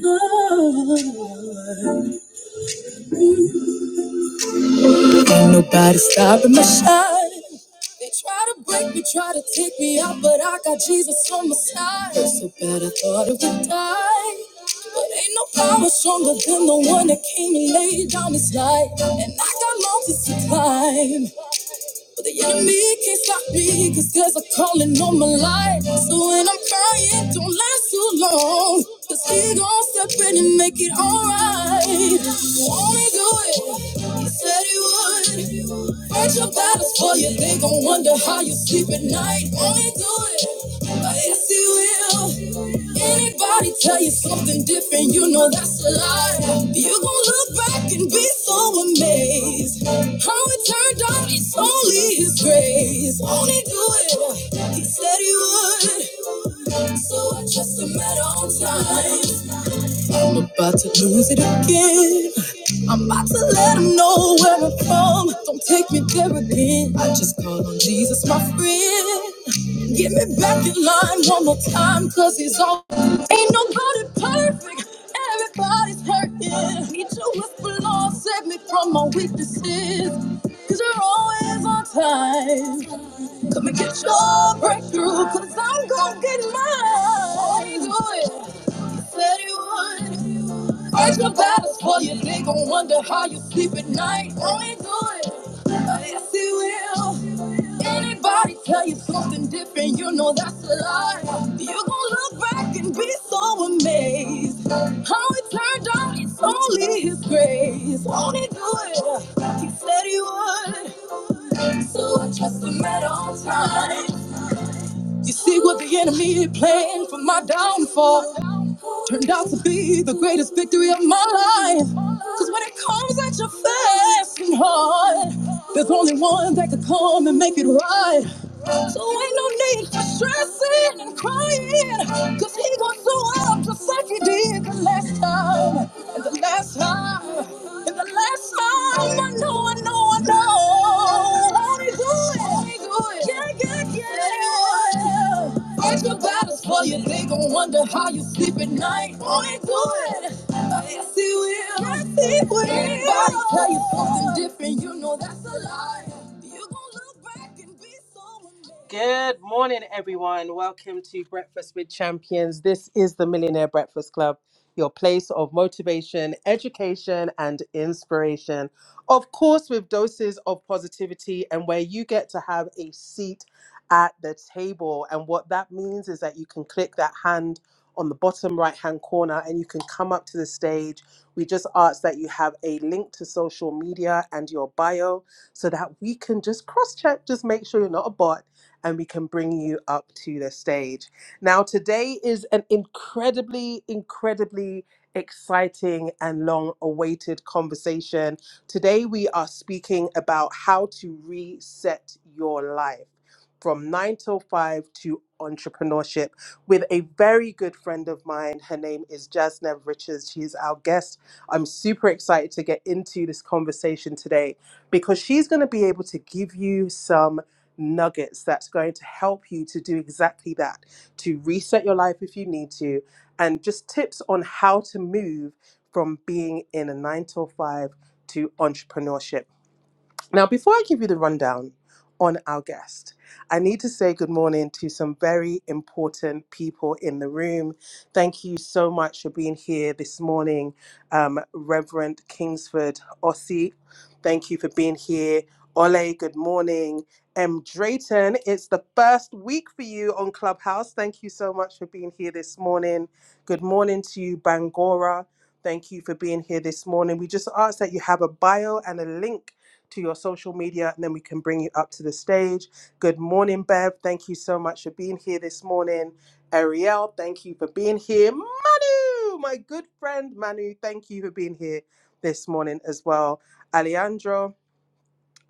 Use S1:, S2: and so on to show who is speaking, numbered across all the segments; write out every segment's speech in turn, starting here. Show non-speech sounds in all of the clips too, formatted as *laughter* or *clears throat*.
S1: Ain't nobody stopping my shine. They try to break me, try to take me out, but I got Jesus on my side. Feel so bad I thought I would die. But ain't no power stronger than the one that came and laid down his life. And I got mountains to climb. But the enemy can't stop me, cause there's a calling on my life. So when I'm crying, don't last too long. Cause he gon' step in and make it alright. Won't he do it? He said he would. Fight your battles for you, they gon' wonder how you sleep at night. Won't he do it? Oh, yes, he will. Anybody tell you something different, you know that's a lie. You gon' look back and be so amazed. How it turned out, it's only his grace. Only do it, he said he would. So I trust him at all times. I'm about to lose it again. I'm about to let him know where I'm from. Don't take me there again. I just call on Jesus, my friend. Get me back in line one more time, cause he's all. Ain't nobody perfect. Everybody's hurting. Need you with the Lord, save me from my weaknesses. Cause you're always on time. Come and get your breakthrough, cause I'm gonna get mine. Do it. Said you would. Fight your battles for you. They gon' wonder how you sleep at night. Only do it. Yes, he will. Anybody tell you something different, you know that's a lie. You gon' look back and be so amazed. How it turned out, it's only his grace. Won't he do it? He said he would. So I trust him at all times. You see what the enemy planned for my downfall turned out to be the greatest victory of my life. Cause when it comes at your fast and hard, there's only one that could come and make it right. So ain't no need for stressing and crying. Cause he gonna show up just like he did the last time. And the last time. And the last time. I know, I know, I know. Won't he do it? Yeah, yeah. Fight battles for you. They gon' wonder how you sleep at night. Only do it. Yes, he will. Yes, he will. Anybody tell you something different, you know that's a lie. You gon' look back and be so amazed. Good morning, everyone. Welcome to Breakfast with Champions. This is the Millionaire Breakfast Club, your place of motivation, education, and inspiration. Of course, with doses of positivity, and where you get to have a seat at the table. And what that means is that you can click that hand on the bottom right hand corner and you can come up to the stage. We just ask that you have a link to social media and your bio so that we can just cross check, just make sure you're not a bot, and we can bring you up to the stage. Now, today is an incredibly, incredibly exciting and long awaited conversation. Today, we are speaking about how to reset your life from 9 till 5 to entrepreneurship with a very good friend of mine. Her name is Jasnev Richards. She's our guest. I'm super excited to get into this conversation today because she's going to be able to give you some nuggets that's going to help you to do exactly that to reset your life if you need to and just tips on how to move from being in a 9 till 5 to entrepreneurship now, before I give you the rundown on our guest, I need to say good morning to some very important people in the room. Thank you so much for being here this morning, um, Reverend Kingsford Ossie. Thank you for being here. Ole, good morning. M. Drayton, it's the first week for you on Clubhouse. Thank you so much for being here this morning. Good morning to you, Bangora. Thank you for being here this morning. We just ask that you have a bio and a link to your social media, and then we can bring you up to the stage. Good morning, Bev. Thank you so much for being here this morning. Ariel, thank you for being here. Manu, my good friend Manu, thank you for being here this morning as well. Alejandro,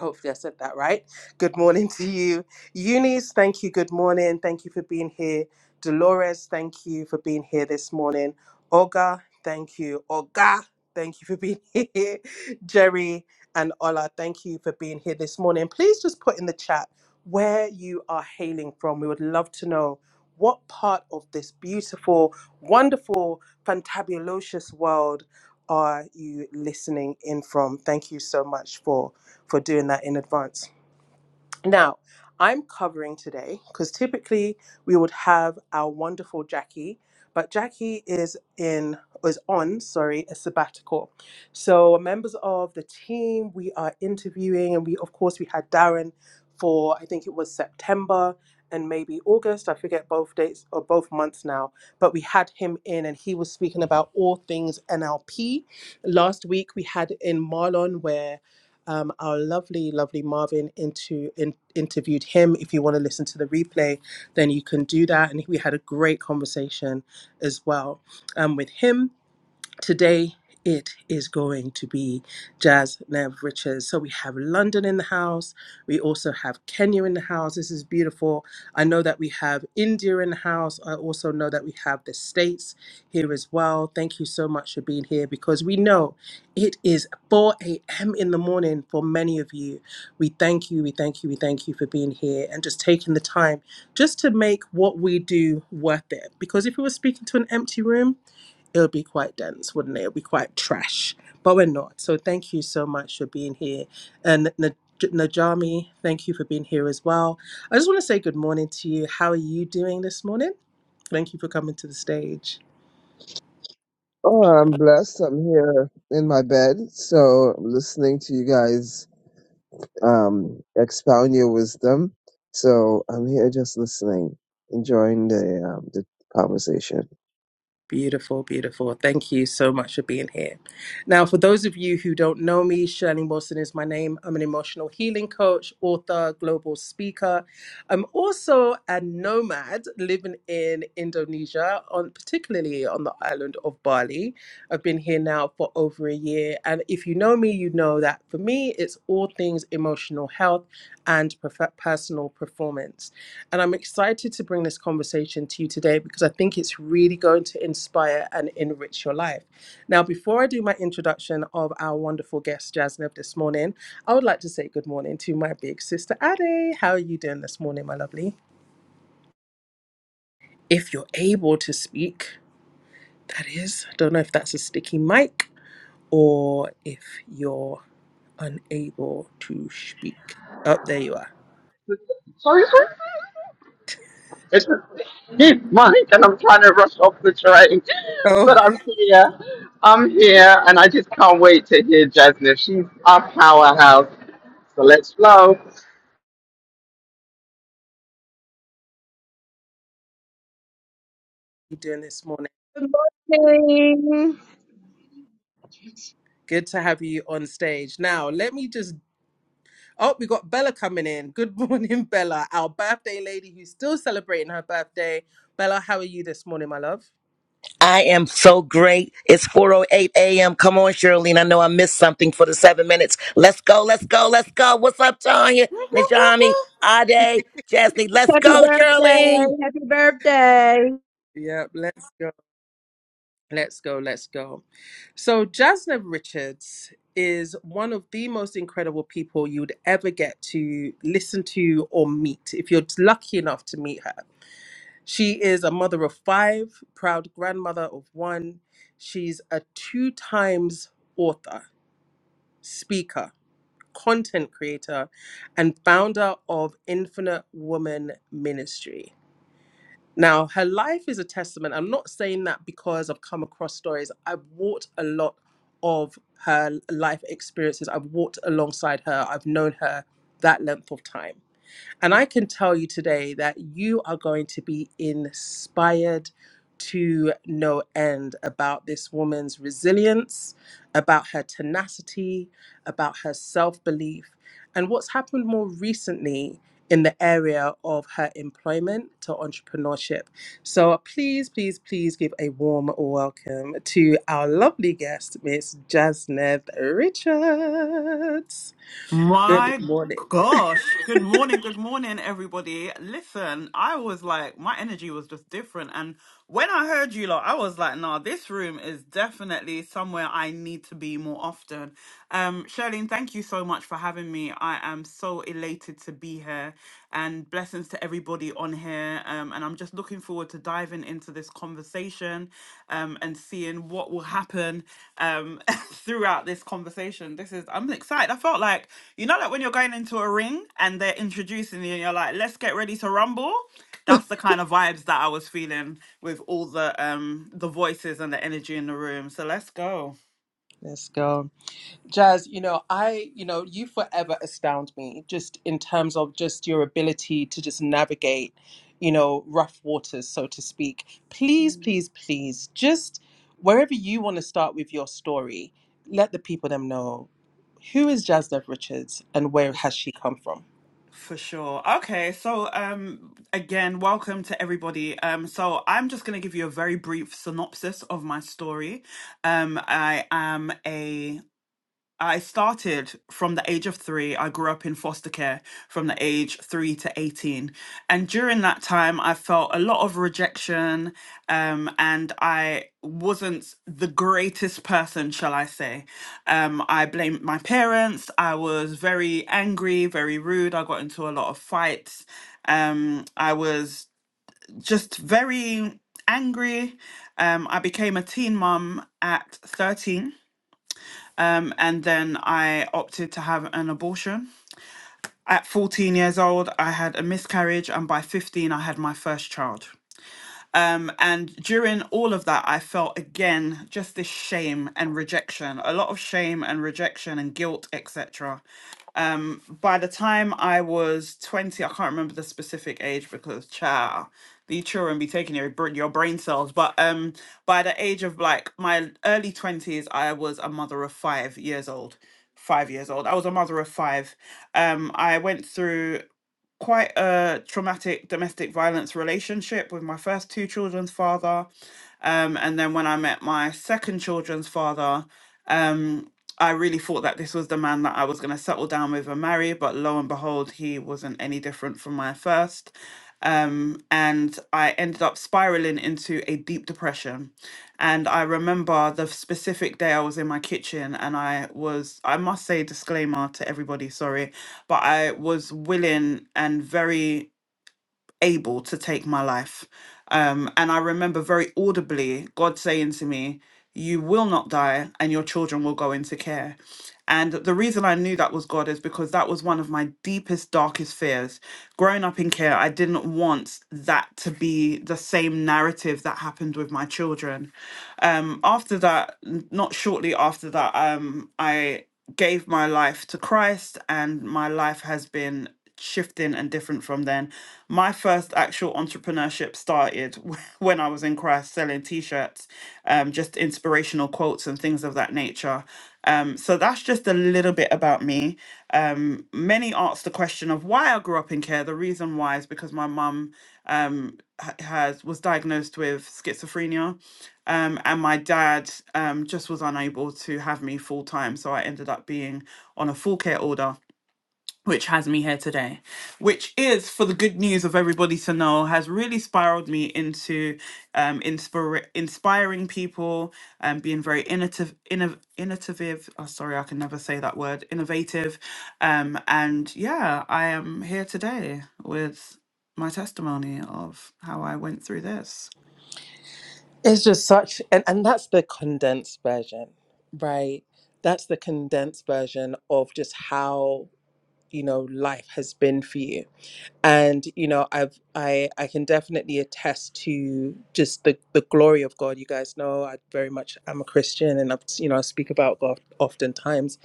S1: Hopefully, I said that right. Good morning to you. Eunice, thank you. Good morning. Thank you for being here. Dolores, thank you for being here this morning. Olga, thank you. Olga, thank you for being *laughs* here. Jerry and Ola, thank you for being here this morning. Please just put in the chat where you are hailing from. We would love to know what part of this beautiful, wonderful, fantabulous world are you listening in from. Thank you so much for for doing that in advance. Now, I'm covering today because typically we would have our wonderful Jackie, but Jackie is in is on, sorry, a sabbatical. So members of the team, we are interviewing and we of course we had Darren for I think it was September and maybe August. I forget both dates or both months now, but we had him in and he was speaking about all things NLP. Last week we had in Marlon where um, our lovely, lovely Marvin into, in, interviewed him. If you want to listen to the replay, then you can do that. And we had a great conversation as well um, with him. Today, it is going to be Jazz Nev Richards. So we have London in the house. We also have Kenya in the house. This is beautiful. I know that we have India in the house. I also know that we have the States here as well. Thank you so much for being here because we know it is 4 a.m. in the morning for many of you. We thank you, we thank you, we thank you for being here and just taking the time just to make what we do worth it. Because if we were speaking to an empty room, it would be quite dense, wouldn't it? It would be quite trash, but we're not. So thank you so much for being here. And N- Najami, thank you for being here as well. I just want to say good morning to you. How are you doing this morning? Thank you for coming to the stage.
S2: Oh, I'm blessed. I'm here in my bed, so I'm listening to you guys um, expound your wisdom. So I'm here just listening, enjoying the um, the conversation.
S1: Beautiful, beautiful. Thank you so much for being here. Now, for those of you who don't know me, Shirley Wilson is my name. I'm an emotional healing coach, author, global speaker. I'm also a nomad living in Indonesia, on particularly on the island of Bali. I've been here now for over a year, and if you know me, you know that for me, it's all things emotional health and perf- personal performance. And I'm excited to bring this conversation to you today because I think it's really going to inspire and enrich your life. Now, before I do my introduction of our wonderful guest, Jasnev, this morning, I would like to say good morning to my big sister, Ade. How are you doing this morning, my lovely? If you're able to speak, that is, I don't know if that's a sticky mic or if you're unable to speak. Oh, there you are.
S3: Sorry, sorry. It's just he's Mike, and I'm trying to rush off the train,
S1: Oh,
S3: but I'm here. I'm here, and I just can't wait to hear Jasmine. She's our powerhouse, so let's flow.
S1: *laughs* you doing this morning?
S4: Good morning.
S1: Good to have you on stage. Now, let me just Oh, we got Bella coming in. Good *laughs* morning, Bella, our birthday lady who's still celebrating her birthday. Bella, how are you this morning, my love?
S5: I am so great. It's 4:08 a.m. Come on, Shirley. I know I missed something for the seven minutes. Let's go. Let's go. Let's go. What's up, Tanya, Najami, Ade, Jasmine? Let's
S4: Happy
S5: go,
S4: birthday.
S5: Shirley.
S4: Happy birthday.
S1: Yep, let's go. Let's go. Let's go. So, Jasnev Richards is one of the most incredible people you'd ever get to listen to or meet if you're lucky enough to meet her. She is a mother of five, proud grandmother of one. She's a two times author, speaker. content creator and founder of Infinite Woman Ministry. Now, her life is a testament. I'm not saying that because I've come across stories. I've walked a lot of her life experiences. I've walked alongside her. I've known her that length of time. And I can tell you today that you are going to be inspired to no end about this woman's resilience, about her tenacity, about her self belief, and what's happened more recently in the area of her employment to entrepreneurship. So please, please, please give a warm welcome to our lovely guest, Miss Jasneth Richards. Good
S6: My
S1: morning.
S6: gosh. Good morning. Good morning, everybody. Listen, I was like, my energy was just different. And when I heard you, lot, I was like, nah, this room is definitely somewhere I need to be more often. Um, Shirlene, thank you so much for having me. I am so elated to be here and blessings to everybody on here. Um, I'm just looking forward to diving into this conversation um, and seeing what will happen um, *laughs* throughout this conversation. This is, I'm excited. I felt like, you know, like when you're going into a ring and they're introducing you and you're like, let's get ready to rumble. That's the kind of vibes that I was feeling with all the um, the voices and the energy in the room. So let's go.
S1: Let's go. Jazz, you know, I, you know, you forever astound me just in terms of just your ability to just navigate, you know, rough waters, so to speak. Please, please, please, just wherever you want to start with your story, let the people them know who is Jasdev Richards and where has she come from?
S6: For sure. Okay, so um again, welcome to everybody. Um so I'm just going to give you a very brief synopsis of my story. Um I am a I started from the age of three. I grew up in foster care from the age three to 18. And during that time, I felt a lot of rejection um, and I wasn't the greatest person, shall I say. Um, I blamed my parents. I was very angry, very rude. I got into a lot of fights. Um, I was just very angry. Um, I became a teen mum at 13 um, and then I opted to have an abortion. At 14 years old, I had a miscarriage, and by 15, I had my first child. Um, and during all of that, I felt again just this shame and rejection, a lot of shame and rejection and guilt, etc. Um, by the time I was 20, I can't remember the specific age because cha, the children be taking your br- your brain cells. But um, by the age of like my early 20s, I was a mother of five years old. Five years old. I was a mother of five. Um, I went through quite a traumatic domestic violence relationship with my first two children's father. Um, and then when I met my second children's father, um, I really thought that this was the man that I was going to settle down with and marry. But lo and behold, he wasn't any different from my first. Um, and I ended up spiraling into a deep depression. And I remember the specific day I was in my kitchen and I was, I must say, disclaimer to everybody, sorry but I was willing and very able to take my life. Um, and I remember very audibly God saying to me, You will not die, and your children will go into care. And the reason I knew that was God is because that was one of my deepest, darkest fears. Growing up in care, I didn't want that to be the same narrative that happened with my children. Um, after that, n- not shortly after that, um, I gave my life to Christ, and my life has been shifting and different from then. My first actual entrepreneurship started *laughs* when I was in Christ selling t shirts, um, just inspirational quotes and things of that nature. Um, so that's just a little bit about me. Um, many asked the question of why I grew up in care. The reason why is because my mum um, ha- has was diagnosed with schizophrenia um, and my dad um, just was unable to have me full time. So I ended up being on a full care order, which has me here today, which is for the good news of everybody to know has really spiraled me into um, inspir- inspiring people and being very innovative, innov- innovative. Oh, sorry, I can never say that word, innovative. Um, and yeah, I am here today with my testimony of how I went through this.
S1: It's just such, and, and that's the condensed version, right? That's the condensed version of just how. you know life has been for you and you know i've i i can definitely attest to just the the glory of god you guys know i very much am a christian and i've you know i speak about god oftentimes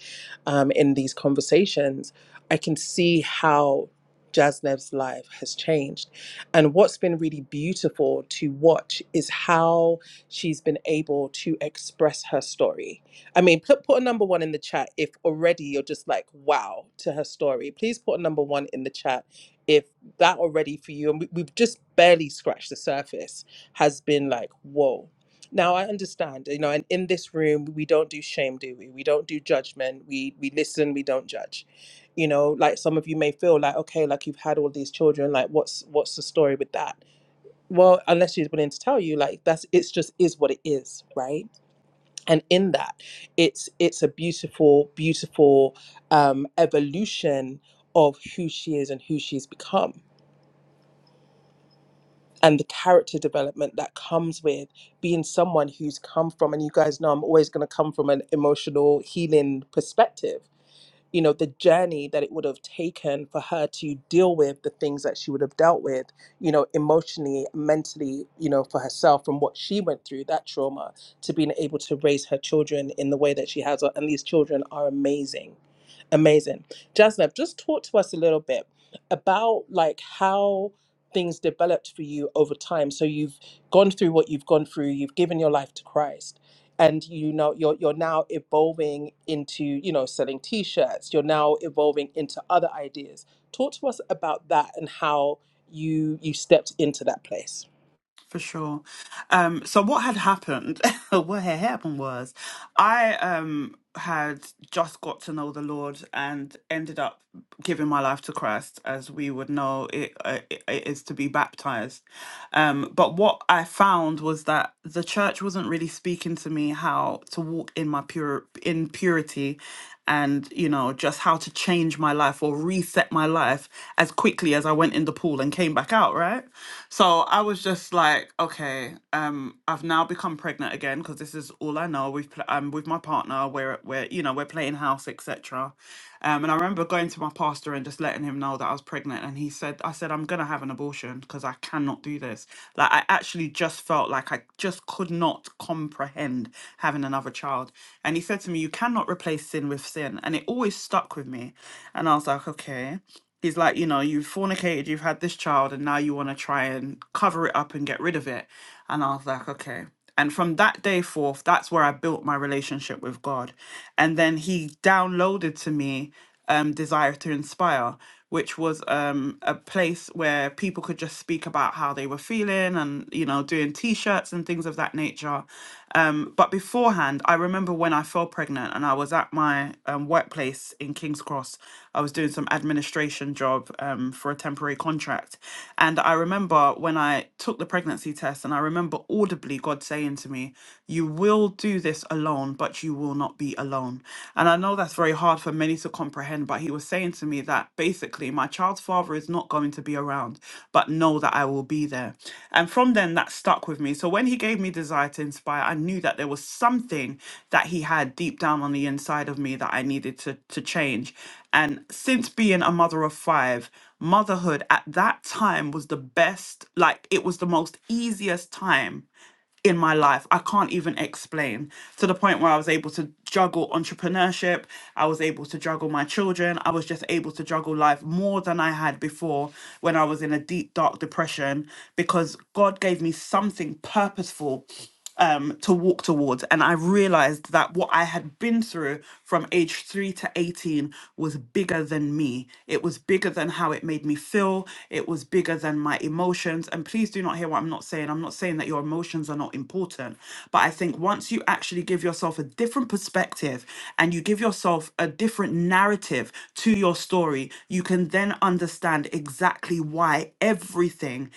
S1: um in these conversations i can see how Jasnev's life has changed. And what's been really beautiful to watch is how she's been able to express her story I mean, put put a number one in the chat if already you're just like wow to her story. Please put a number one in the chat if that already for you, and we, we've just barely scratched the surface, has been like whoa. Now I understand, you know, and in this room we don't do shame, do we? We don't do judgment. We we listen, we don't judge. You know, like some of you may feel like okay, like you've had all these children, like what's what's the story with that? Well, unless she's willing to tell you, like that's it's just is what it is, right? and in that it's it's a beautiful beautiful um, evolution of who she is and who she's become and the character development that comes with being someone who's come from and you guys know i'm always going to come from an emotional healing perspective you know, the journey that it would have taken for her to deal with the things that she would have dealt with, you know, emotionally, mentally, you know, for herself from what she went through, that trauma, to being able to raise her children in the way that she has. And these children are amazing. Amazing. Jasnev, just talk to us a little bit about like how things developed for you over time. So you've gone through what you've gone through, you've given your life to Christ and you know you're you're now evolving into you know selling t-shirts you're now evolving into other ideas talk to us about that and how you you stepped into that place
S6: For sure. Um, so what had happened, *laughs* what had happened was I um had just got to know the Lord and ended up giving my life to Christ, as we would know it, uh, it, it is to be baptized. Um, but what I found was that the church wasn't really speaking to me how to walk in my pure in purity, and you know just how to change my life or reset my life as quickly as I went in the pool and came back out. Right, so I was just like, okay, um, I've now become pregnant again because this is all I know. We've pl- I'm with my partner. We're we're you know we're playing house, etc um, and I remember going to my pastor and just letting him know that I was pregnant. And he said, I said, I'm going to have an abortion because I cannot do this. Like, I actually just felt like I just could not comprehend having another child. And he said to me, You cannot replace sin with sin. And it always stuck with me. And I was like, Okay. He's like, you know, you've fornicated, you've had this child, and now you want to try and cover it up and get rid of it. And I was like, okay. And from that day forth, that's where I built my relationship with God. And then he downloaded to me um, Desire to Inspire, which was um, a place where people could just speak about how they were feeling and, you know, doing t shirts and things of that nature. Um, but beforehand, I remember when I fell pregnant and I was at my um, workplace in King's Cross. I was doing some administration job um, for a temporary contract. And I remember when I took the pregnancy test, and I remember audibly God saying to me, You will do this alone, but you will not be alone. And I know that's very hard for many to comprehend, but He was saying to me that that basically my child's father is not going to be around, but know that I will be there. And from then, that stuck with me. So when he gave me Desire to Inspire, I knew that there was something that he had deep down on the inside of me that I needed to, to change. And since being a mother of five, motherhood at that time was the best, like, it was the most easiest time in my life. I can't even explain to the point where I was able to juggle entrepreneurship. I was able to juggle my children. I was just able to juggle life more than I had before when I was in a deep, dark depression because God gave me something purposeful um, to walk towards. And I realized that what I had been through from age three to 18 was bigger than me. It was bigger than how it made me feel. It was bigger than my emotions. And please do not hear what I'm not saying. I'm not saying that your emotions are not important. But I think once you actually give yourself a different perspective and you give yourself a different narrative to your story, you can then understand exactly why everything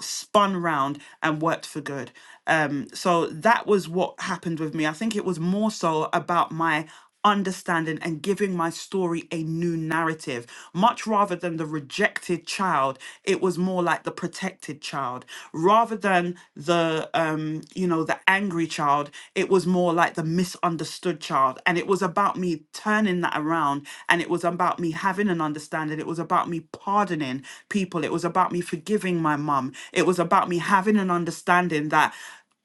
S6: spun round and worked for good. Um, so that was what happened with me. I think it was more so about my understanding and giving my story a new narrative much rather than the rejected child it was more like the protected child rather than the um you know the angry child it was more like the misunderstood child and it was about me turning that around and it was about me having having an understanding. It was about me pardoning people. It was about me forgiving my mum. It was about me having an understanding that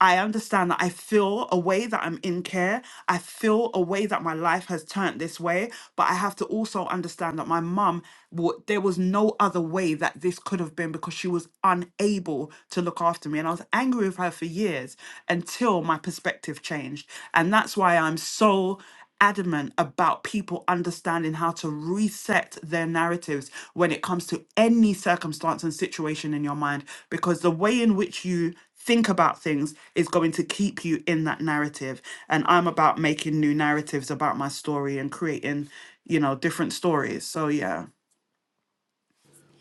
S6: I understand that I feel a way that I'm in care. I feel a way that my life has turned this way. But I have to also understand that my mum, wa- there was no other way that this could have been because she was unable to look after me. And I was angry with her for years until my perspective changed. And that's why I'm so adamant about people understanding how to reset their narratives when it comes to any circumstance and situation in your mind because the way in which you think about things is going to keep you in that narrative and I'm about making new narratives about my story and creating you know different stories so yeah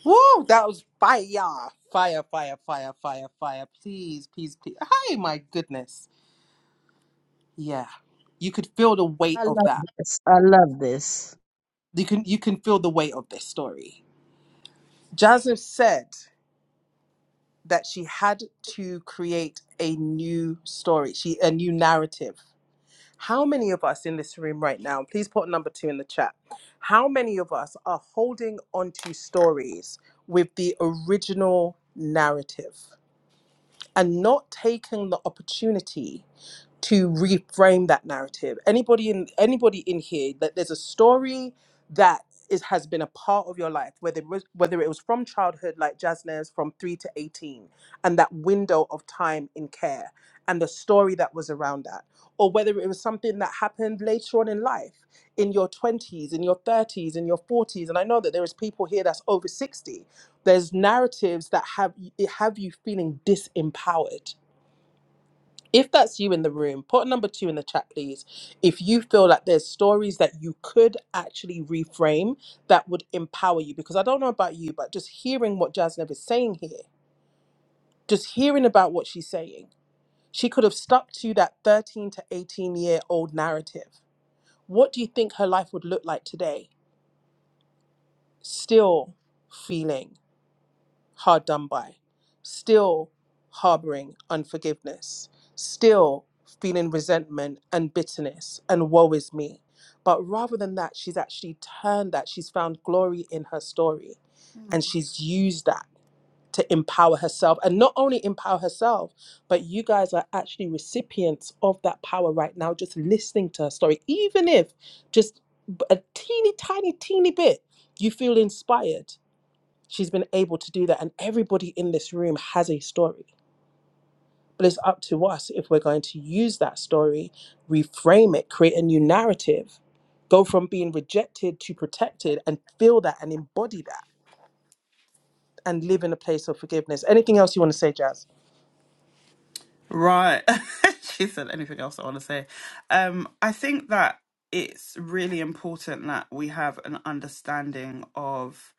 S1: Woo! That was fire, fire, fire, fire, fire, fire. Please, please, please. hi my goodness yeah you could feel the weight
S4: I
S1: of
S4: love
S1: that
S4: this. I love this.
S1: you can you can feel the weight of this story jasmine said that she had to create a new story she a new narrative How many of us in this room right now, please put number two in the chat, how many of us are holding onto stories with the original narrative? and not taking the opportunity to reframe that narrative. Anybody in anybody in here that there's a story that is has been a part of your life, whether it was whether it was from childhood, like Jasna's, from three to eighteen, and that window of time in care, and the story that was around that, or whether it was something that happened later on in life, in your twenties, in your thirties, in your forties, and I know that there is people here that's over sixty, there's narratives that have have you feeling disempowered if that's you in the room put number two in the chat please if you feel like there's stories that you could actually reframe that would empower you because i don't know about you but just hearing what jasnev is saying here just hearing about what she's saying she could have stuck to that 13 to 18 year old narrative what do you think her life would look like today still feeling hard done by, still harboring unforgiveness, still feeling resentment and bitterness and woe is me. But rather than that, she's actually turned that. She's found glory in her story
S6: Mm.
S1: and she's used that to empower herself and not only empower herself, but you guys are actually recipients of that power right now, just listening to her story, even if just b- a teeny tiny, teeny bit you feel inspired She's been able to do that. And everybody in this room has a story. But it's up to us if we're going to use that story, reframe it, create a new narrative, go from being rejected to protected and feel that and embody that and live in a place of forgiveness. Anything else you want to say, Jazz?
S6: Right. *laughs* she said anything else I want to say. Um, I think that it's really important that we have an understanding of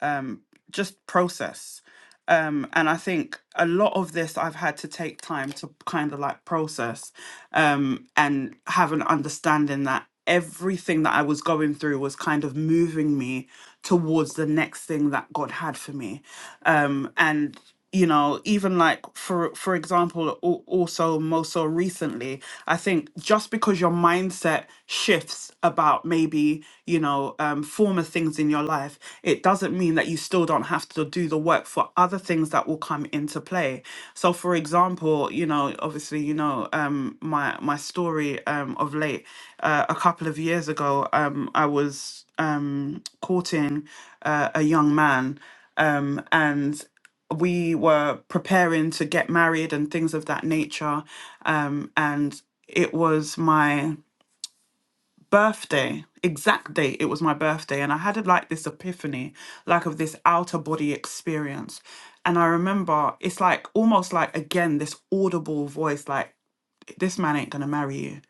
S6: um, just process. Um, and I think a lot of this I've had to take time to kind of like process um, and have an understanding that everything that I was going through was kind of moving me towards the next thing that God had for me. Um, and you know even like for for example al- also most so recently i think just because your mindset shifts about maybe you know um, former things in your life it doesn't mean that you still don't have to do the work for other things that will come into play so for example you know obviously you know um my my story um of late uh, a couple of years ago um i was um courting uh, a young man um, and we were preparing to get married and things of that nature. Um, and it was my birthday, exact date, It was my birthday. And I had like this epiphany, like of this outer body experience. And I remember it's like almost like, again, this audible voice, like, this man ain't gonna marry you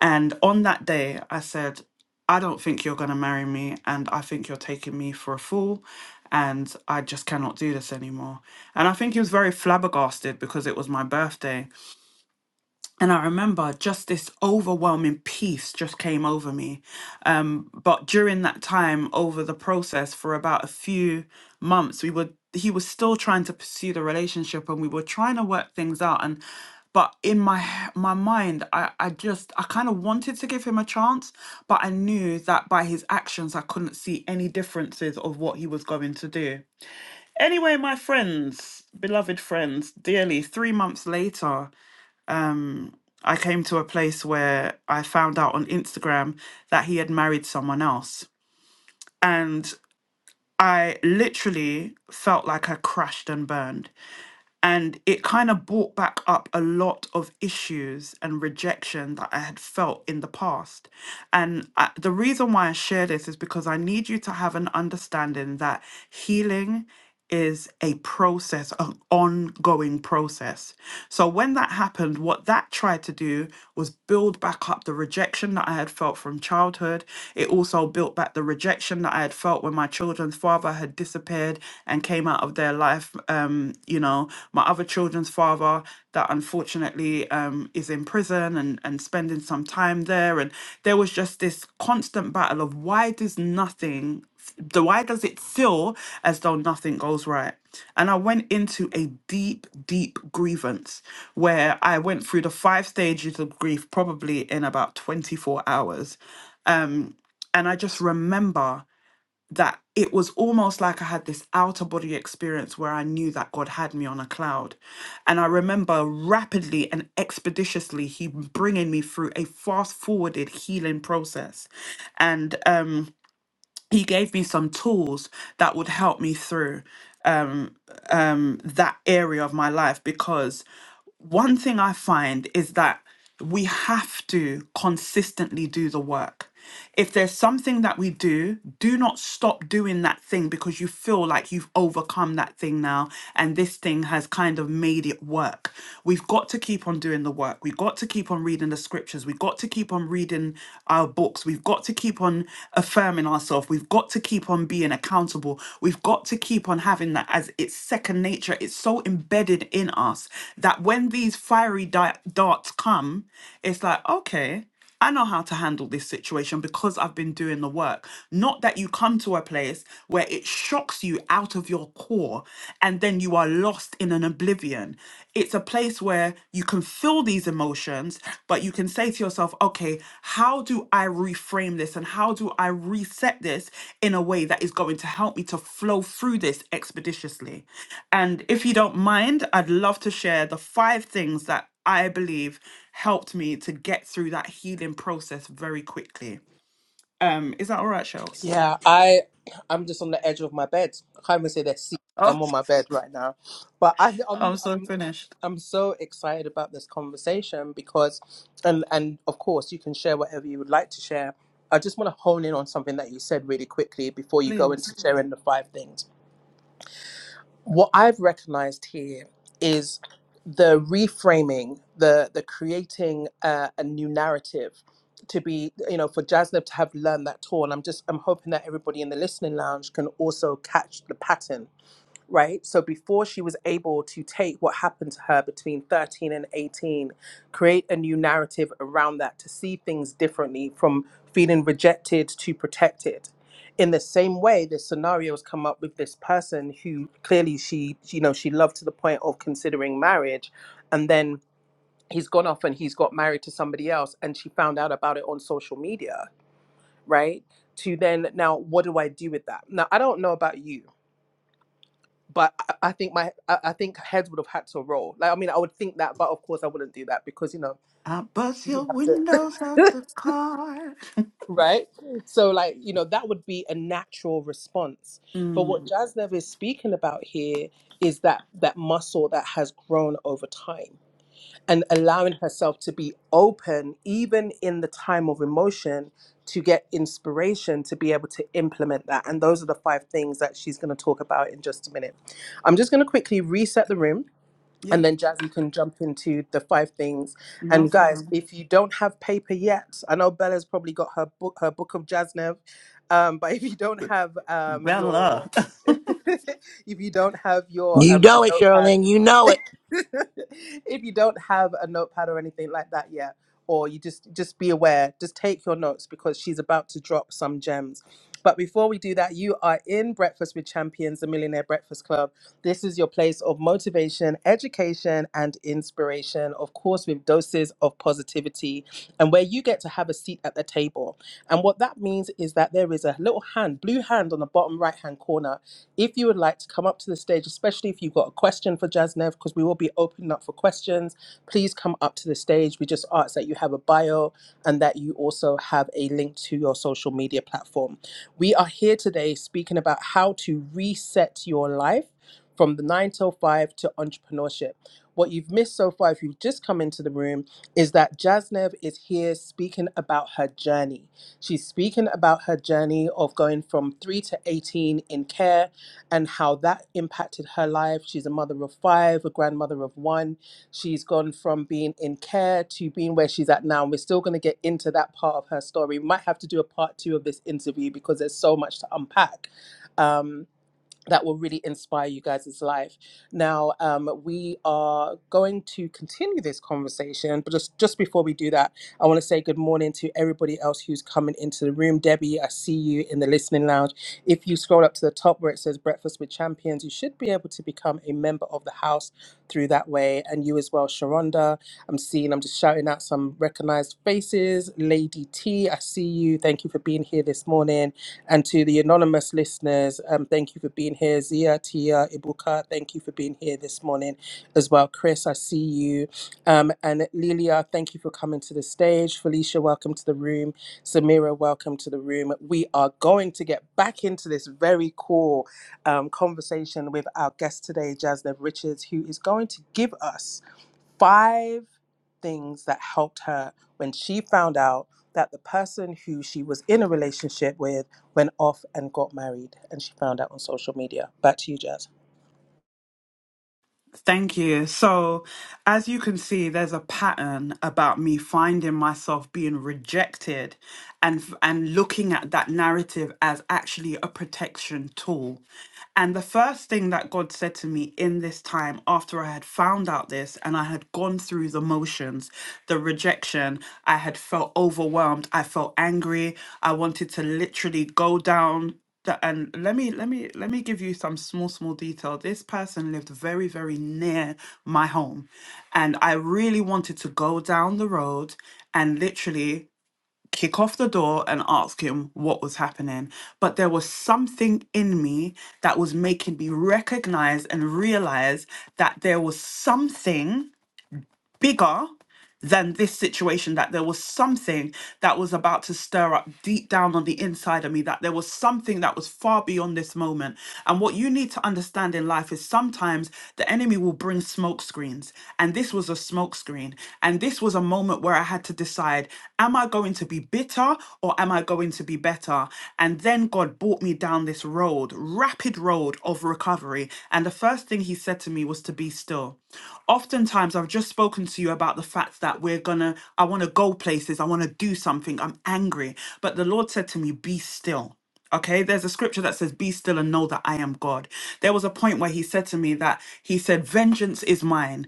S6: and on that day, I said, I don't think you're going to marry me, and I think you're taking me for a fool, and I just cannot do this anymore. And I think he was very flabbergasted because it was my birthday. And I remember just this overwhelming peace just came over me. Um, but during that time, over the process for about a few months, we were he was still trying to pursue the relationship, and we were trying to work things out. And but in my h- my mind, I I just I kind of wanted to give him a chance, but I knew that by his actions, I couldn't see any differences of what he was going to do. Anyway, my friends, beloved friends, dearly, three months later. I came to a place where I found out on Instagram that he had married someone else. And I literally felt like I crashed and burned and it kind of brought back up a lot of issues and rejection that I had felt in the past. And I, the reason why I share this is because I need you to have an understanding that healing is a process, an ongoing process. So when that happened, what that tried to do was build back up the rejection that I had felt from childhood. It also built back the rejection that I had felt when my children children's father had disappeared and came out of their life. Um, you know, my other children's father that unfortunately um, is in prison and, and spending some time there. And there was just this constant battle of why does nothing, the why does it feel as though nothing goes right? And I went into a deep, deep grievance where I went through the five stages of grief probably in about 24 hours. Um, and I just remember that it was almost like I had this outer body experience where I knew that God had me on a cloud. And I remember rapidly and expeditiously, He bringing me through a fast forwarded healing process. And um, He gave me some tools that would help me through um, that area of my life because one thing I find is that we have to consistently do the work. If there's something that we do, do not stop doing that thing because you feel like you've overcome that thing now and this thing has kind of made it work. We've got to keep on doing the work. We've got to keep on reading the scriptures. We've got to keep on reading our our books. We've got to keep on affirming ourselves. We've got to keep on being accountable. We've got to keep on having that as it's second nature. It's so embedded in us that when these fiery di- darts come, it's like, okay, I know how to handle this situation because I've been doing the work. Not that you come to a place where it shocks you out of your core and then you are lost lost in an oblivion. It's a place where you can feel these emotions, but you can say to yourself, okay, how do I reframe this and how do I reset this in a way that is going to help me to flow through this expeditiously? And if you don't mind, I'd love to share the five things that I believe helped me to get through that healing process very quickly. Um, is that all right, Shells?
S1: Yeah, I I'm just on the edge of my bed. I can't even say that seat.
S6: Oh,
S1: I'm on my bed right now, but I, I'm
S6: I'm so
S1: I'm
S6: finished.
S1: I'm so excited about this conversation because, and and of course you can share whatever you would like to share. I just want to hone in on something that you said really quickly before you go
S6: Please.
S1: into sharing the five things what I've recognized here is the reframing, the the creating uh, a new narrative to be, you know, for Jasnev to have learned that tool. And I'm just I'm hoping that everybody in the listening lounge can also catch the pattern right? So before she was able to take what happened to her between 13 and 18, create a new narrative around that to see things differently from feeling rejected to protected. In the same way, the scenarios come up with this person who clearly she, you know, she loved to the point of considering marriage, and then he's gone off and he's got married to somebody else, and she found out about it on social media, right? To then now, what do I do with that? Now, I don't know about you, but I, I think my I, I think heads would have had to roll. Like I mean, I would think that, but of course I wouldn't do that because you know
S6: I bust
S1: you
S6: your
S1: have to,
S6: windows out the car. *laughs*
S1: *laughs* right? So like you know that would be a natural response. But what
S6: Mm.
S1: Jazz is speaking about here is that that muscle that has grown over time and allowing herself to be open even in the time of emotion to get inspiration to be able to implement that and those are the five things that she's going to talk about in just a minute i'm just going to quickly reset the room
S6: Yep.
S1: and then Jazzy can jump into the five things.
S6: No
S1: And guys,
S6: problem.
S1: if you don't have paper yet, I know Bella's probably got her book, her book of Jaznev, um, but *laughs* if you don't have um,
S6: Bella.
S1: your, *laughs* if you don't have your
S5: You
S1: um, a
S5: know it, Shirley.
S1: notepad
S5: You know it.
S1: *laughs* if you don't have a notepad or anything like that yet or you just just be aware just take your notes because she's about to drop some gems but before we do that you are in breakfast with champions the millionaire breakfast club this is your place of motivation education and inspiration of course with doses of positivity and where you get to have a seat at the table. And what that means is that there is a little hand, blue hand on the bottom right hand corner. If you would like to come up to the stage, especially if you've got a question for Jasnev, because we will be opening up for questions, please come up to the stage. We just ask that you have a bio and that you also have a link to your social media platform. We are here today speaking about how to reset your life from the nine till five to entrepreneurship. What you've missed so far, if you've just come into the room, is that Jasnev is here speaking about her journey. She's speaking about her journey of going from 3 to 18 in care and how that impacted her life. She's a mother of 5, a grandmother of 1. She's gone from being in care to being where she's at now. And we're still going to get into that part of her story. We might have to do a part 2 of this interview because there's so much to unpack. Um, that will really inspire you guys' life. Now, um, we are going to continue this conversation, but just, just before we do that, I want to say good morning to everybody else who's coming into the room. Debbie, I see you in the listening lounge. If you scroll up to the top where it says Breakfast with Champions, you should be able to become a member of the house through that way. And you as well, Sharonda. I'm seeing, I'm just shouting out some recognized faces. Lady T, I see you. Thank you for being here this morning. And to the anonymous listeners, um, thank you for being here. Zia, Tia, Ibuka, thank you for being here this morning as well. Chris, I see you. Um, and Lilia, thank you for coming to the stage. Felicia, welcome to the room. Samira, welcome to the room. We are going to get back into this very cool um, conversation with our guest today, Jasnev Richards, who is going to give us five things that helped her when she found out that the person who she was in a relationship with went off and got married and she found out on social media. Back to you, Jazz.
S6: Thank you. So, as you can see, there's a pattern about me finding myself being rejected and f- and looking at that narrative as actually a protection tool. And the first thing that God said to me in this time after I had found out this and I had gone through the motions, the rejection, I had felt overwhelmed, I felt angry, I wanted to literally go down Th- and let me let me let me give you some small small detail this person lived very very near my home and i really wanted to go down the road and literally kick off the door and ask him what was happening but there was something in me that was making me recognize and realize that there was something bigger than this situation that there was something that was about to stir up deep down on the inside of me that there was something that was far beyond this moment and what you need to understand in life is sometimes the enemy will bring smoke screens and this was a smoke screen and this was a moment where i had to decide Am I going to be bitter or am I going to be better? And then God brought me down this road, rapid road of recovery. And the first thing He said to me was to be still. Oftentimes, I've just spoken to you about the fact that we're gonna, I wanna go places, I wanna do something, I'm angry. But the Lord said to me, be still. Okay, there's a scripture that says, Be still and know that I am God. There was a point where he said to me that he said, Vengeance is mine.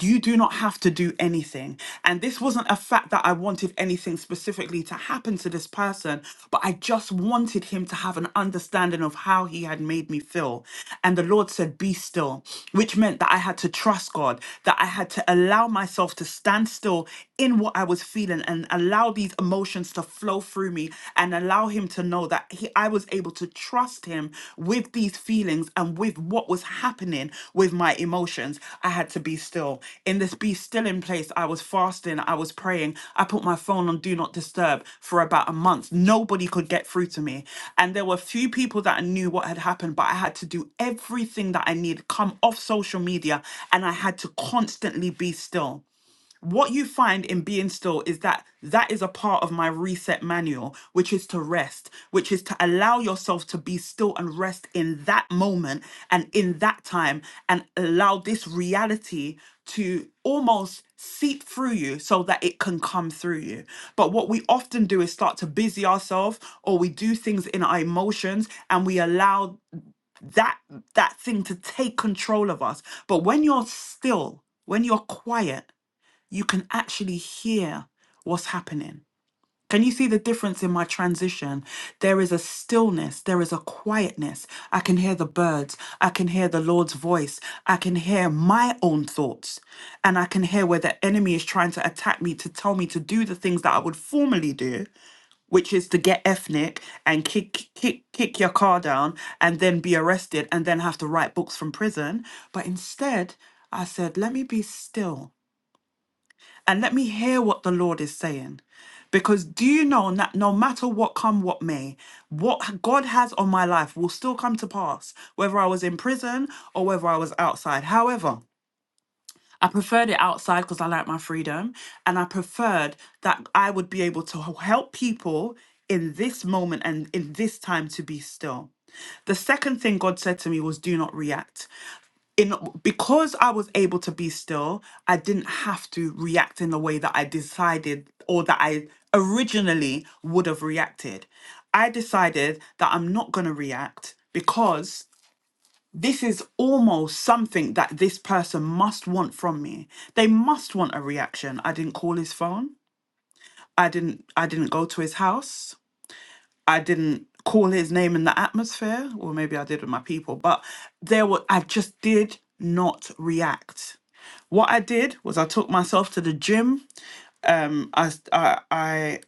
S6: You do not have to do anything. And this wasn't a fact that I wanted anything specifically to happen to this person, but I just wanted him to have an understanding of how he had made me feel. And the Lord said, Be still, which meant that I had to trust God, that I had to allow myself to stand still in what I was feeling and allow these these emotions to flow through me and allow him to know that he, I was able to trust him with these feelings and with what was happening with my emotions. I had to be still. In this be still in place, I was fasting, I was praying. I put my phone on do not disturb for about a month. Nobody could get through to me. And there were few people that I knew what had happened, but I had to do everything that I needed, come off social media, and I had to constantly be still what you find in being still is that that is a part of my reset manual, which is to rest, which is to allow yourself to be still and rest in that moment and in that time, and allow this reality to almost seep through you so that it can come through you. But what we often do is start to busy ourselves or we do things in our emotions and we allow that that thing to take control of us. But when you're still, when you're quiet, you can actually hear what's happening. Can you see the difference in my transition? There is a stillness, there is a quietness. I can hear the birds, I can hear the Lord's voice, I can hear my own thoughts, and I can hear where the enemy is trying to attack me to tell me to do the things that I would formerly do, which is to get ethnic and kick kick kick your car down and then be arrested and then have to write books from prison. But instead, I said, let me be still and let me hear what the Lord is saying. Because do you know that no matter what come what may, what God has on my life will still come to pass, whether I was in prison or whether I was outside. However, I preferred it outside because I like my freedom, and I preferred that I would be able to help people in this moment and in this time to be still. The second thing God said to me was, Do not react in because I was able to be still, I didn't have to react in the way that I decided or that I originally would have reacted. I decided that I'm not going to react because this is almost something that this person must want from me. They must want a reaction. I didn't call his phone. I didn't I didn't go to his house. I didn't call his name in the atmosphere, or maybe I did with my people, but there were I just did not react. What I did was I took myself to the gym. I s- I I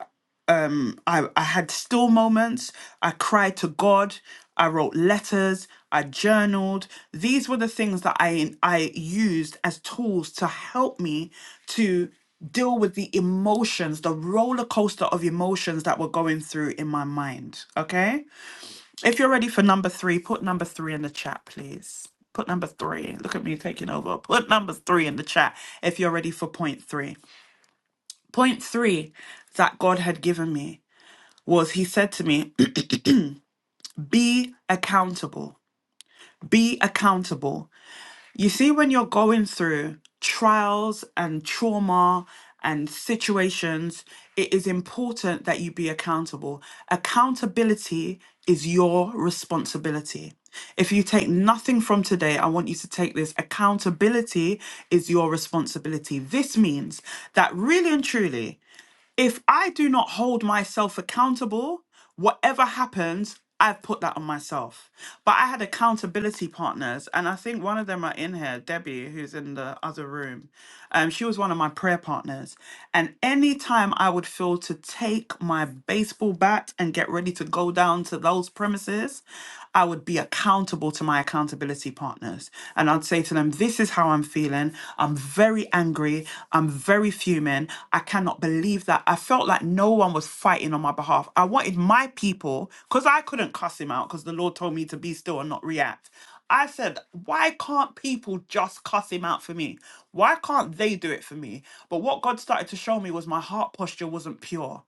S6: I, I had still moments. I cried to God. I wrote letters. I journaled. These were the things that I I used as tools to help me to deal with the emotions, the roller coaster of emotions that were going through in my mind. Okay if you're ready for number three, put number three in the chat, please. Put number three. Look at me taking over. Put number three in the chat if you're ready for point three. Point three that God had given me was He said to me, *clears throat* Be accountable. Be accountable. You see, when you're going through trials and trauma and situations, it is important that you be accountable. Accountability is your responsibility. If you take nothing from today, I want you to take this. Accountability is your responsibility. This means that really and truly, if I do not hold myself accountable, whatever happens, I've put that on myself. But I had accountability partners, and I think one of them are in here, Debbie, who's in the other room. Um, she was one of my prayer partners. And anytime I would feel to take my baseball bat and get ready to go down to those premises, I would be accountable to my accountability partners. And I'd say to them, This is how I'm feeling. I'm very angry. I'm very fuming. I cannot believe that. I felt like no one was fighting on my behalf. I wanted my people, because I couldn't cuss him out because the Lord told me to be still and not react. I said, why can't people just cuss him out for me? Why can't they do it for me? But what God started to show me was my heart posture wasn't pure.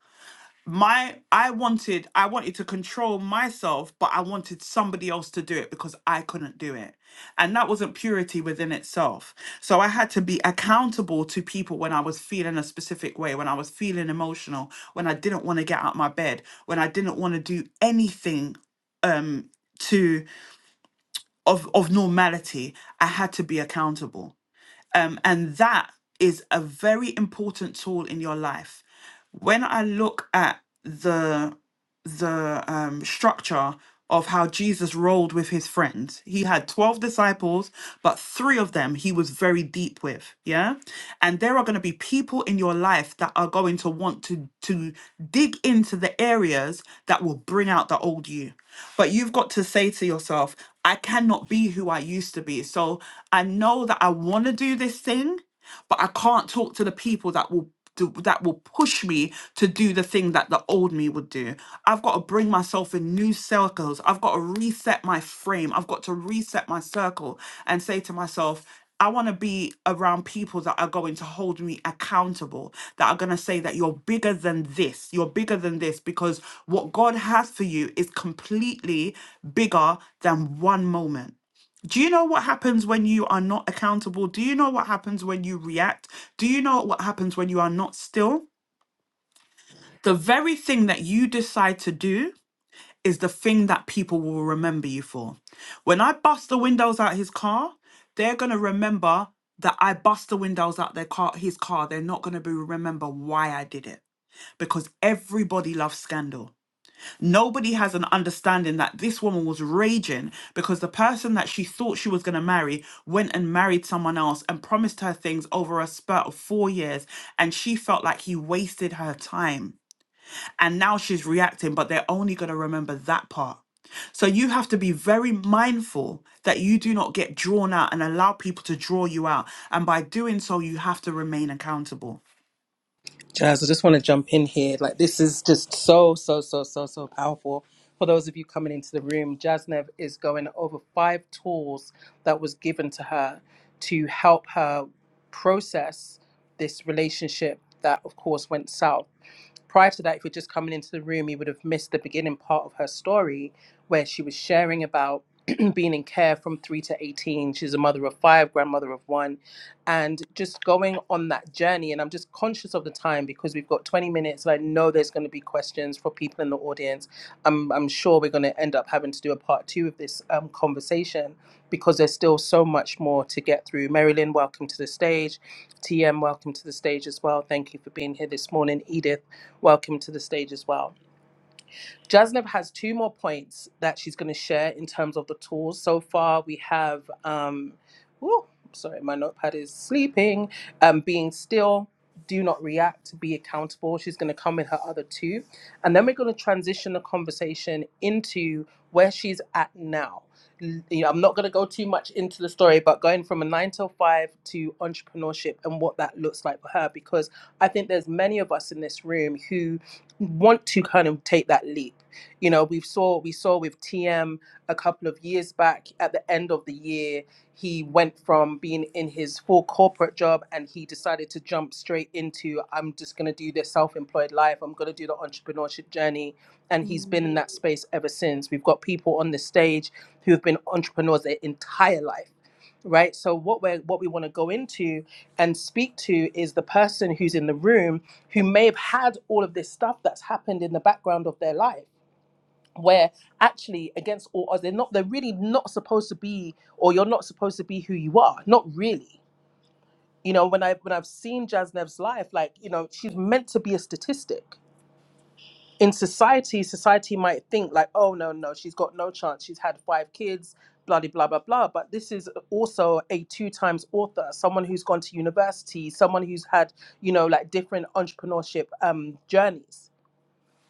S6: My I wanted I wanted to control myself, but I wanted somebody else to do it because I couldn't do it. And that wasn't purity within itself. So I had to be accountable to people when I was feeling a specific way, when I was feeling emotional, when I didn't want to get out of my bed, when I didn't want to do anything um to of of normality i had to be accountable um and that is a very important tool in your life when i look at the the um, structure of how Jesus rolled with his friends. He had 12 disciples, but three of them he was very deep with, yeah? And there are going to be people in your life that are going to want to to dig into the areas that will bring out the old you. But you've got to say to yourself, I cannot be who I used to be. So I know that I want to do this thing, but I can't talk to the people that will do, that will push me to do the thing that the old me would do. I've got to bring myself in new circles. I've got to reset my frame. I've got to reset my circle and say to myself, I want to be around people that are going to hold me accountable, that are going to say that you're bigger than this, you're bigger than this, because what God has for you is completely bigger than one moment. Do you know what happens when you are not accountable? Do you know what happens when you react? Do you know what happens when you are not still? The very thing that you decide to do is the thing that people will remember you for. When I bust the windows out his car, they're going to remember that I bust the windows out their car his car. They're not going to be remember why I did it because everybody loves scandal. Nobody has an understanding that this woman was raging because the person that she thought she was going to marry went and married someone else and promised her things over a spurt of four years. And she felt like he wasted her time. And now she's reacting, but they're only going to remember that part. So you have to be very mindful that you do not get drawn out and allow people to draw you out. And by doing so, you have to remain accountable.
S1: Jazz, I just want to jump in here. Like, this is just so, so, so, so, so powerful. For those of you coming into the room, Jaznev is going over five tools that was given to her to help her process this relationship that, of course, went south. Prior to that, if you're just coming into the room, you would have missed the beginning part of her story where she was sharing about *clears throat* being in care from three to 18. She's a mother of five, grandmother of one and just going on that journey. And I'm just conscious of the time because we've got 20 minutes, and I know there's going to be questions for people in the audience. I'm, I'm sure we're going to end up having to do a part two of this um, conversation because there's still so much more to get through. Marilyn, welcome to the stage. TM, welcome to the stage as well. Thank you for being here this morning. Edith, welcome to the stage as well. Jasnev has two more points that she's going to share in terms of the tools. So far, we have, um, ooh, sorry, my notepad is sleeping, um, being still, do not react, be accountable. She's going to come with her other two. And then we're going to transition the conversation into where she's at now. L- You know, I'm not going to go too much into the story, but going from a nine till five to entrepreneurship and what that looks like for her, because I think there's many of us in this room who want to kind of take that leap. You know, we saw we saw with T M a couple of years back. At the end of the year, he went from being in his full corporate job and he decided to jump straight into I'm just going to do the self-employed life. I'm going to do the entrepreneurship journey, and he's been in that space ever since. We've got people on the stage who have been entrepreneurs their entire life right so what we're what we want to go into and speak to is the person who's in the room who may have had all of this stuff that's happened in the background of their life where actually against all odds they're not they're really not supposed to be or you're not supposed to be who you are not really you know when i when i've seen jasnev's life like you know she's meant to be a statistic in society, society might think like, oh no, no, she's got no chance. She's had five kids, blah de blah blah blah. But this is also a two times author, someone who's gone to university, someone who's had, you know, like different entrepreneurship um journeys.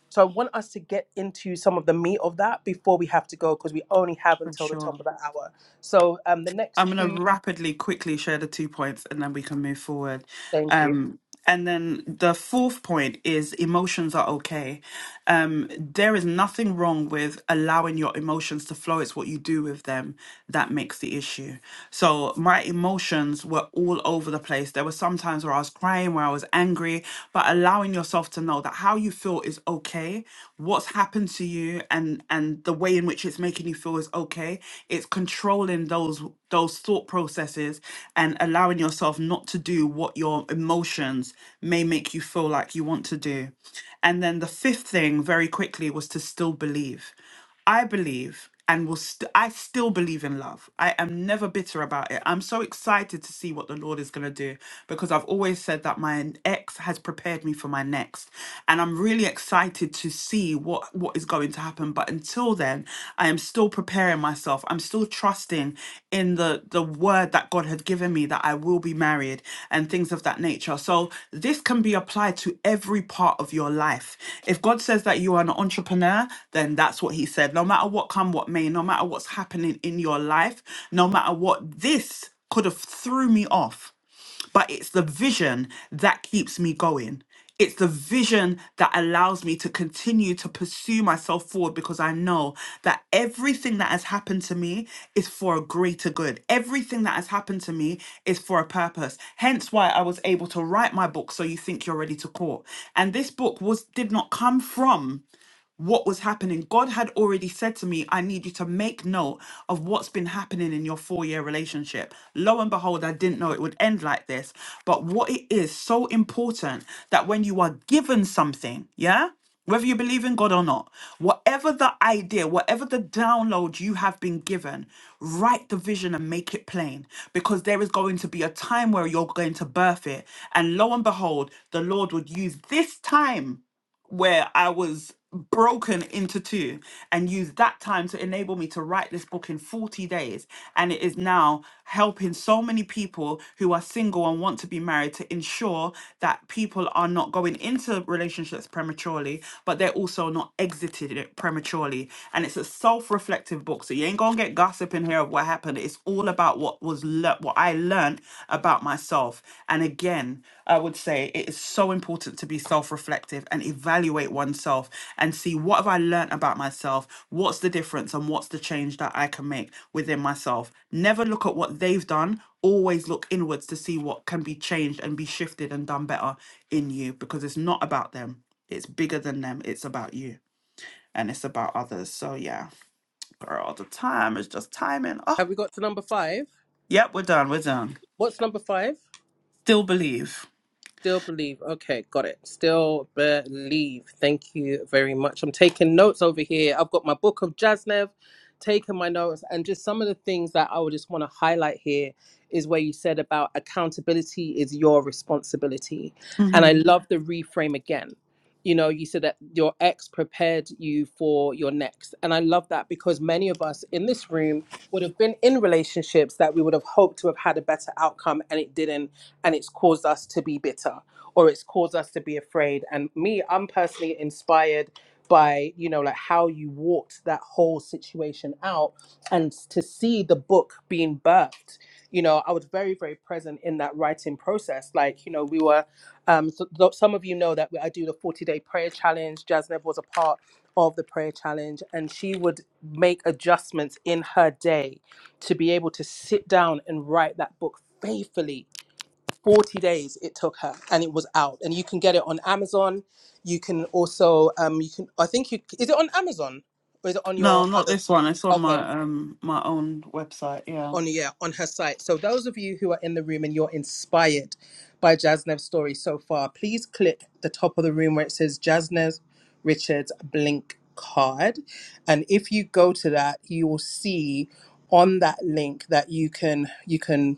S1: So I want us to get into some of the meat of that before we have to go because we only have
S6: For
S1: until the top
S6: sure.
S1: of the hour. So um the
S6: I'm
S1: next
S6: going to
S1: two
S6: rapidly, quickly share the two points and then we can move forward.
S1: thank you.
S6: Um, and then the fourth point is emotions are okay. Um, there is nothing wrong with allowing your emotions to flow. It's what you do with them that makes the issue. So my emotions were all over the place. There were some times where I was crying, where I was angry, but allowing yourself to know that how you feel is okay. What's happened to you and and the way in which it's making you feel is okay. It's controlling those those thought processes and allowing yourself not to do what your emotions may make you feel like you want to do. And then the fifth thing, very quickly, was to still believe. I believe and will st- I still believe in love. I am never bitter about it. I'm so excited to see what the Lord is going to do because I've always said that my ex has prepared me for my next and I'm really excited to see what what is going to happen. But until then, I am still preparing myself. I'm still trusting in the the word that God had given me that I will be married and things of that nature. So this can be applied to every part of your life. If God says that you are an entrepreneur, then that's what he said. No matter what come what may, no matter what's happening in your life, no matter what this could have threw me off but it's the vision that keeps me going. It's the vision that allows me to continue to pursue myself forward because I know that everything that has happened to me is for a greater good. Everything that has happened to me is for a purpose. Hence why I was able to write my book so you think you're ready to court. And this book was did not come from what was happening. God had already said to me, I need you to make note of what's been happening in your four year relationship. Lo and behold, I didn't know it would end like this. But what it is so important that when you are given something, yeah? Whether you believe in God or not, whatever the idea, whatever the download you have been given, write the vision and make it plain because there is going to be a time where you're going to birth it. And lo and behold, the Lord would use this time where I was broken into two and used that time to enable me to write this book in 40 days. And it is now helping so many people who are single and want to be married to ensure that people are not going into relationships prematurely, but they're also not exited it prematurely. And it's a self reflective book. So you ain't gonna get gossip in here of what happened. It's all about what was learned that what I learned about myself. And again, I would say it is so important to be self-reflective and evaluate oneself and see what have I learned about myself, what's the difference and what's the change that I can make within myself. Never look at what they've done, always look inwards to see what can be changed and be shifted and done better in you because it's not about them. It's bigger than them. It's about you and it's about others. So yeah, girl, the time is just timing. Oh,
S1: Have we got to number five?
S6: yep, we're done. We're done.
S1: What's number five?
S6: Still believe.
S1: Still believe. Okay, got it. Still believe. Thank you very much. I'm taking notes over here. I've got my book of Jasnev, taking my notes, and just some of the things that I would just want to highlight here is where you said about accountability is your responsibility. And I
S6: hmm
S1: love the reframe again. You know, you said that your ex prepared you for your next. And I love that because many of us in this room would have been in relationships that we would have hoped to have had a better outcome and it didn't and it's caused us to be bitter or it's caused us to be afraid and me i'm personally inspired by you know like how you walked that whole situation out and to see the book being birthed you know i was very very present in that writing process like you know we were um so, th- some of you know that i do the 40 day prayer challenge jasnev was a part of the prayer challenge and she would make adjustments in her day to be able to sit down and write that book faithfully 40 days it took her and it was out and you can get it on amazon you can also um you can i think you is it on amazon or is it on your
S6: No, not
S1: other
S6: this one. It's on
S1: okay
S6: my um my own website. Yeah,
S1: on yeah on her site so those of you who are in the room and you're inspired by jasnev's story so far please click the top of the room where it says jasnev richards blink card and if you go to that you will see on that link that you can you can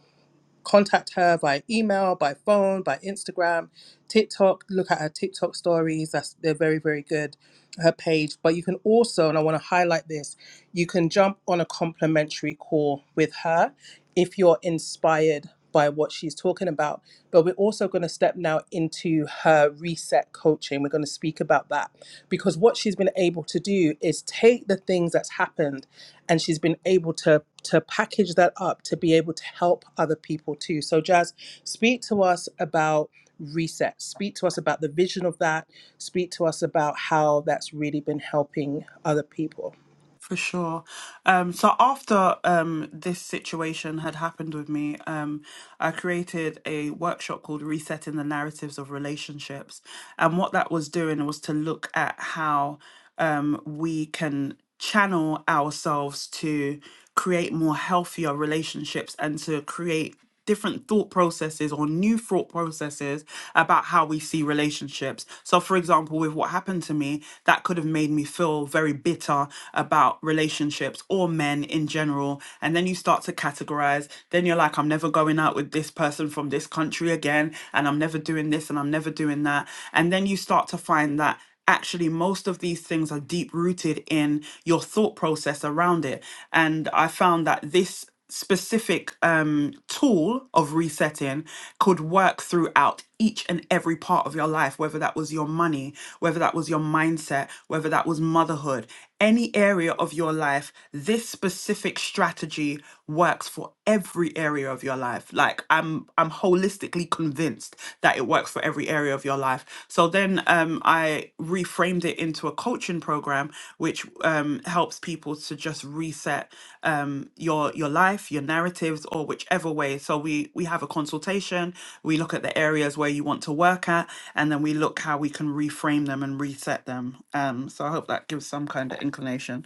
S1: contact her by email, by phone, by Instagram, TikTok. Look at her TikTok stories. That's they're very very good her page, but you can also, and I want to highlight this, you can jump on a complimentary call with her if you're inspired by what she's talking about. But we're also going to step now into her reset coaching. We're going to speak about that because what she's been able to do is take the things that's happened and she's been able to to package that up to be able to help other people too. So Jazz, speak to us about reset. Speak to us about the vision of that. Speak to us about how that's really been helping other people.
S6: for sure. Um, so after um this situation had happened with me, um, I created a workshop called Resetting the Narratives of Relationships, and what that was doing was to look at how um we can channel ourselves to create more healthier relationships and to create different thought processes or new thought processes about how we see relationships. So, for example, with what happened to me, that could have made me feel very bitter about relationships or men in general. And then you start to categorize. Then you're like, I'm never going out with this person from this country again, and I'm never doing this, and I'm never doing that. And then you start to find that actually most of these things are deep rooted in your thought process around it and i found that this specific um, tool of resetting could work throughout each and every part of your life, whether that was your money, whether that was your mindset, whether that was motherhood, any area of your life, this specific strategy works for every area of your life. Like I'm I'm holistically convinced that it works for every area every area of your life. So then um, I reframed it into a coaching program, which um, helps people to just reset um, your your life, your narratives, or whichever way. So we we have a consultation. We look at the areas where you want to work at, and then we look how we can reframe them and reset them. Um, so I hope that gives some kind of inclination.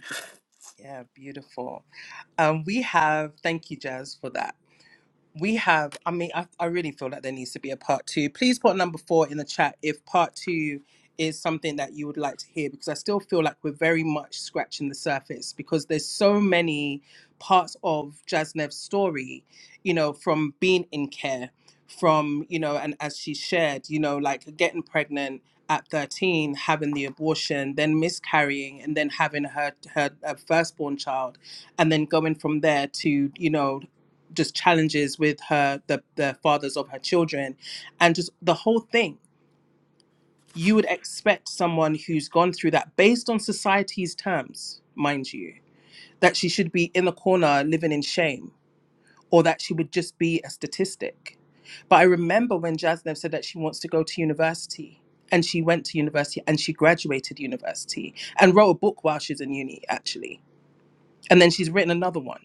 S1: Yeah, beautiful. Um, we have, thank you, Jazz, for that. we have i mean I, I really feel that there needs to be a part two please put number four in the chat if part two is something that you would like to hear because i still feel like we're very much scratching the surface because there's so many parts of jasnev's story you know from being in care from you know and as she shared you know like getting pregnant at 13 having the abortion then miscarrying and then having her her uh, firstborn child and then going from there to you know just challenges with her the, the fathers of her children and just the whole thing you would expect someone who's gone through that based on society's terms mind you that she should be in the corner living in shame or that she would just be a statistic but i remember when jasnev said that she wants to go to university and she went to university and she graduated university and wrote a book while she's in uni actually and then she's written another one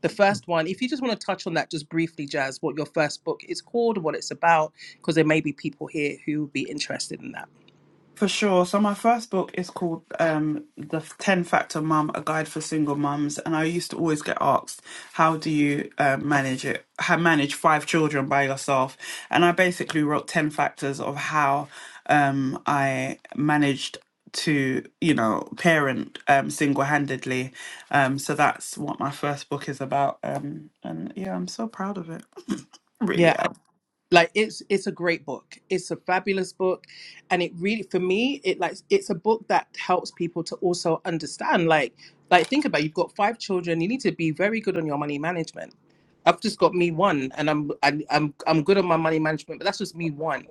S1: the first one, if you just want to touch on that just briefly, Jazz, what your first book is called, what it's about, because there may be people here who would be interested in that.
S6: For sure. So my first book is called um, The 10 Factor Mum, A Guide for Single Mums. And I used to always get asked, how do you uh, manage it, how manage five children by yourself? And I basically wrote 10 factors of how um, I managed to, you know, parent um, single-handedly. Um, so that's what my first book is about. Um, and yeah, I'm so proud of it. *laughs* really
S1: Yeah,
S6: am.
S1: like it's it's a great book it's a fabulous book and it really for me it like it's a book that helps people to also understand like like think about it, you've got five children you need to be very good on your money management i've just got me one and i'm i'm i'm, I'm good on my money management but that's just me one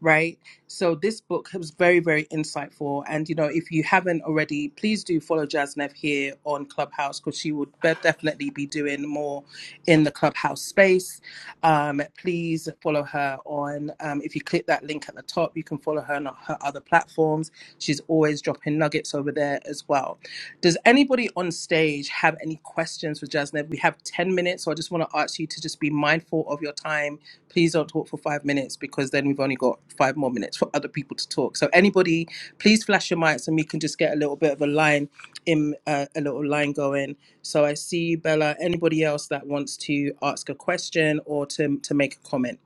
S1: right? So this book was very, very insightful. And you know, if you haven't already, please do follow Jasnev here on Clubhouse because she would be- definitely be doing more in the Clubhouse space. Um, please follow her on. Um, if you click that link at the top, you can follow her on her other platforms. She's always dropping nuggets over there as well. Does anybody on stage have any questions for Jasnev? We have 10 minutes, so I just want to ask you to just be mindful of your time. Please don't talk for five minutes because then we've only got five more minutes for other people to talk. So, anybody, please flash your mics and we can just get a little bit of a line in uh, a little line going. So, I see Bella. Anybody else that wants to ask a question or to, to make a comment?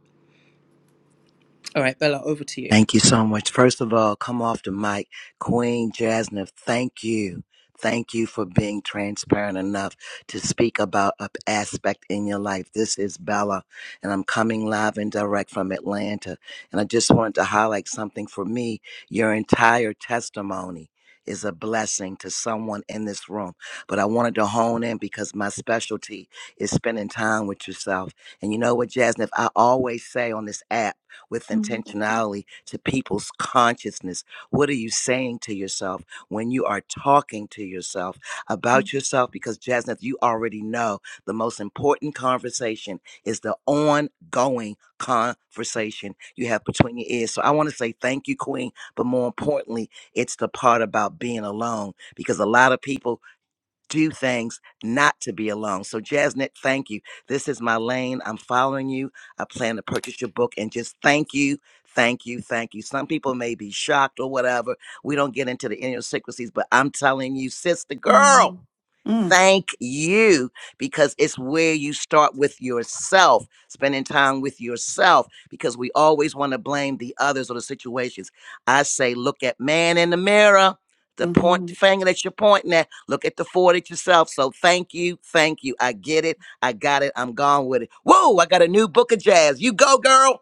S1: All right, Bella, over to you.
S5: Thank you so much. First of all, come off the mic. Queen Jasmine, thank you. Thank you for being transparent enough to speak about an aspect in your life. This is Bella, and I'm coming live and direct from Atlanta. And I just wanted to highlight something for me. Your entire testimony is a blessing to someone in this room. But I wanted to hone in because my specialty is spending time with yourself. And you know what, Jasmine, I always say on this app, with intentionality to people's consciousness. What are you saying to yourself when you are talking to yourself about yourself? Because, Jasmine, you already know the most important conversation is the ongoing conversation you have between your ears. So I want to say thank you, Queen, but more importantly, it's the part about being alone because a lot of people do things not to be alone. So, Jasnet, thank you. This is my lane. I'm following you. I plan to purchase your book and just thank you, thank you, thank you. Some people may be shocked or whatever. We don't get into the inner secrecies, but I'm telling you, sister girl.
S6: Mm-hmm.
S5: Thank you, because it's where you start with yourself, spending time with yourself, because we always want to blame the others or the situations. I say, look at man in the mirror, the point
S6: Mm-hmm.
S5: finger that you're pointing at, look at the forward at yourself. So thank you, thank you. I get it, I got it, I'm gone with it. Whoa, I got a new book of jazz. You go, girl.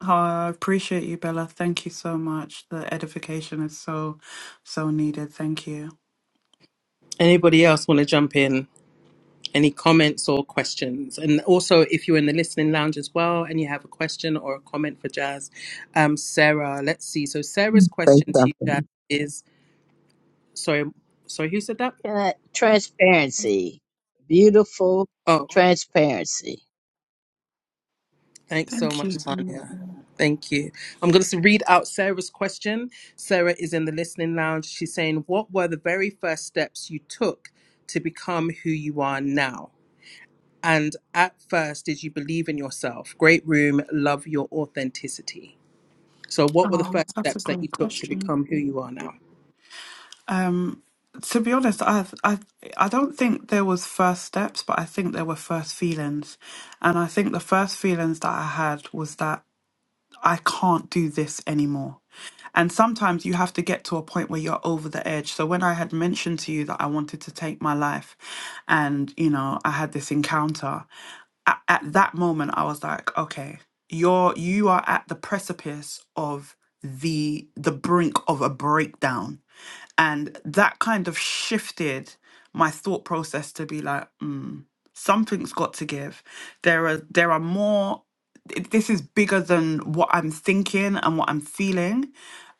S6: Oh, I appreciate you, Bella. Thank you so much. The edification is so, so needed. Thank you.
S1: Anybody else want to jump in? any comments or questions. And also, if you're in the listening lounge as well and you have a question or a comment for Jazz, um, Sarah, let's see. So, Sarah's
S4: Say
S1: question to you, Jazz,
S4: something.
S1: is sorry, sorry, who said that?
S4: Can I- Transparency. Beautiful
S1: Oh,
S4: transparency.
S1: thanks so
S6: Thank
S1: much,
S6: you. so
S1: Tanya. Thank you. I'm going to read out Sarah's question. Sarah is in the listening lounge. She's saying, What were the very first steps you took to become who you are now? And at first, did you believe in yourself? Great room, love your authenticity. So, what were the
S6: Oh,
S1: first
S6: that's a
S1: steps that you
S6: great
S1: took to
S6: question.
S1: become who you are now?
S6: Um, to be honest, I, I, I don't think there was first steps, but I think there were first feelings, and I think the first feelings that I had was that I can't do this anymore. And sometimes you have to get to a point where you're over the edge. So when I had mentioned to you that I wanted to take my life, and you know I had this encounter. at, at that moment I was like, okay, you're you are at the precipice of the the brink of a breakdown. And that kind of shifted my thought process to be like, mm, something's got to give. There are there are more th- this is bigger than what I'm thinking and what I'm feeling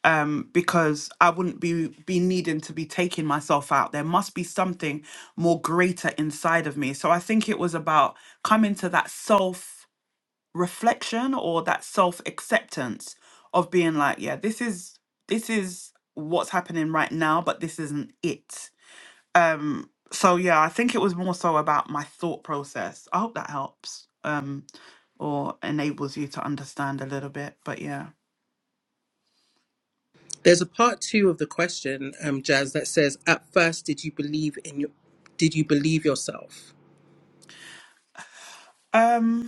S6: um, because I wouldn't be be needing to be taking myself out. There must be something more greater inside of me. So I think it was about coming to that self reflection or that self acceptance of being like, yeah, this is this is what's happening right now, but this isn't it. Um, so yeah, I think it was more so about my thought process. I hope that helps um, or enables you to understand a little bit. But yeah.
S1: There's a part two of the question, um, Jazz, that says, "At first, did you believe in your, did you believe yourself?"
S6: Um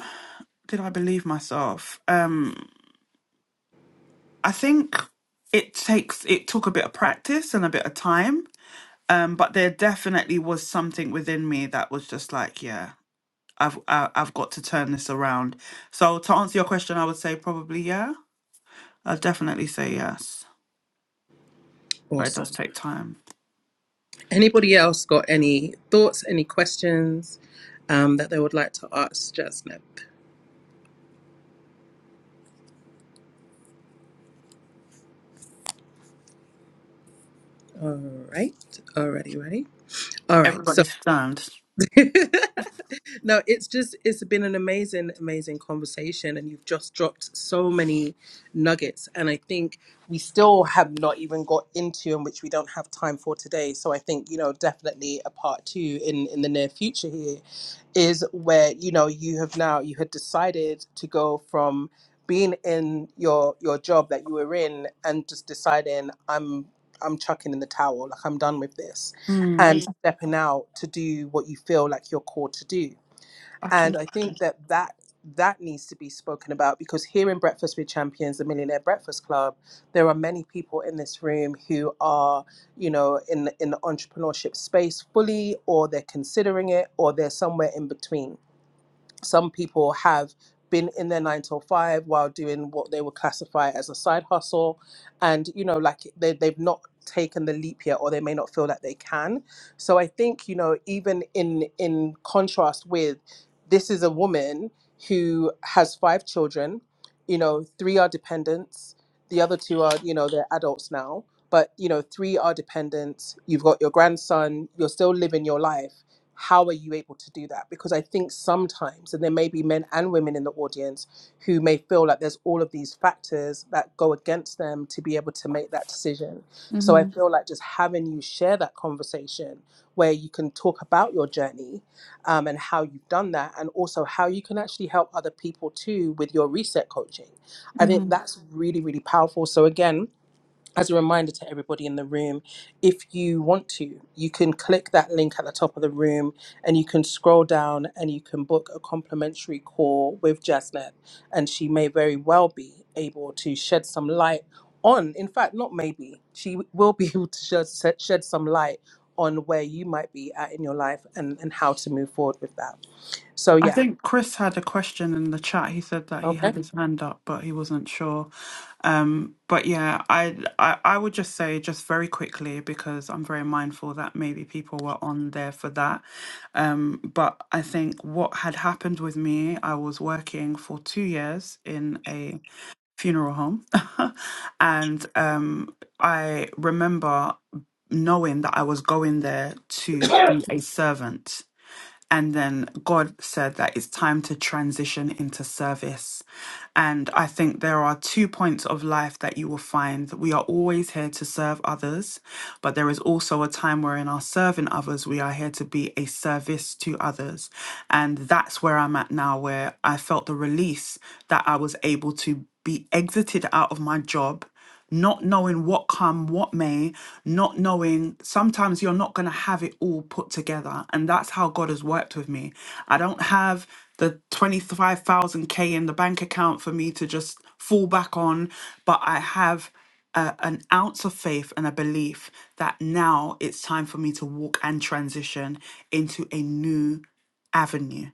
S6: did I believe myself? Um, I think it takes it took a bit of practice and a bit of time. Um, but there definitely was something within me that was just like, yeah, I've I, I've got to turn this around. So to answer your question, I would say probably yeah. I'd definitely say yes. But it does
S1: Awesome.
S6: take time.
S1: Anybody else got any thoughts, any questions um, that they would like to ask Jasmine? All right, already ready. All right. So
S6: Everybody's stand.
S1: *laughs* no, it's just it's been an amazing, amazing conversation, and you've just dropped so many nuggets. And I think we still have not even got into, and which we don't have time for today. So I think you know definitely a part two in in the near future here is where you know you have now you had decided to go from being in your your job that you were in and just deciding I'm I'm chucking in the towel, like I'm done with this
S6: Mm.
S1: and Mm. stepping out to do what you feel like you're called to do
S6: I
S1: and
S6: can.
S1: i think that that that needs to be spoken about because here in breakfast with champions the millionaire breakfast club there are many people in this room who are you know in in the entrepreneurship space fully or they're considering it or they're somewhere in between some people have been in their nine till five while doing what they would classify as a side hustle and you know like they, they've not taken the leap yet or they may not feel that they can so i think you know even in in contrast with this is a woman who has five children you know three are dependents the other two are you know they're adults now but you know three are dependents you've got your grandson you're still living your life how are you able to do that? Because I think sometimes, and there may be men and women in the audience who may feel like there's all of these factors that go against them to be able to make that decision. So I
S6: Mm-hmm.
S1: feel like just having you share that conversation where you can talk about your journey um, and how you've done that, and also how you can actually help other people too with your reset coaching. I think that's really, really powerful. So again, as a reminder to everybody in the room, if you want to, you can click that link at the top of the room and you can scroll down and you can book a complimentary call with Jasnet. And she may very well be able to shed some light on, in fact, not maybe, she will be *laughs* able to shed, shed shed some light on where you might be at in your life and, and how to move forward with that. So,
S6: I
S1: yeah.
S6: think Chris had a question in the chat. He said that he
S1: Okay.
S6: had his hand up, but he wasn't sure. Um, but yeah, I, I I would just say just very quickly because I'm very mindful that maybe people were on there for that. Um, but I think what had happened with me, I was working for two years in a funeral home, *laughs* and um, I remember knowing that I was going there to be a servant and then God said that it's time to transition into service. And I think there are two points of life that you will find that we are always here to serve others, but there is also a time where in our serving others, we are here to be a service to others. And that's where I'm at now, where I felt the release that I was able to be exited out of my job not knowing what come, what may, not knowing sometimes you're not going to have it all put together. And that's how God has worked with me. I don't have the 25,000K in the bank account for me to just fall back on, but I have a, an ounce of faith and a belief that now it's time for me to walk and transition into a new avenue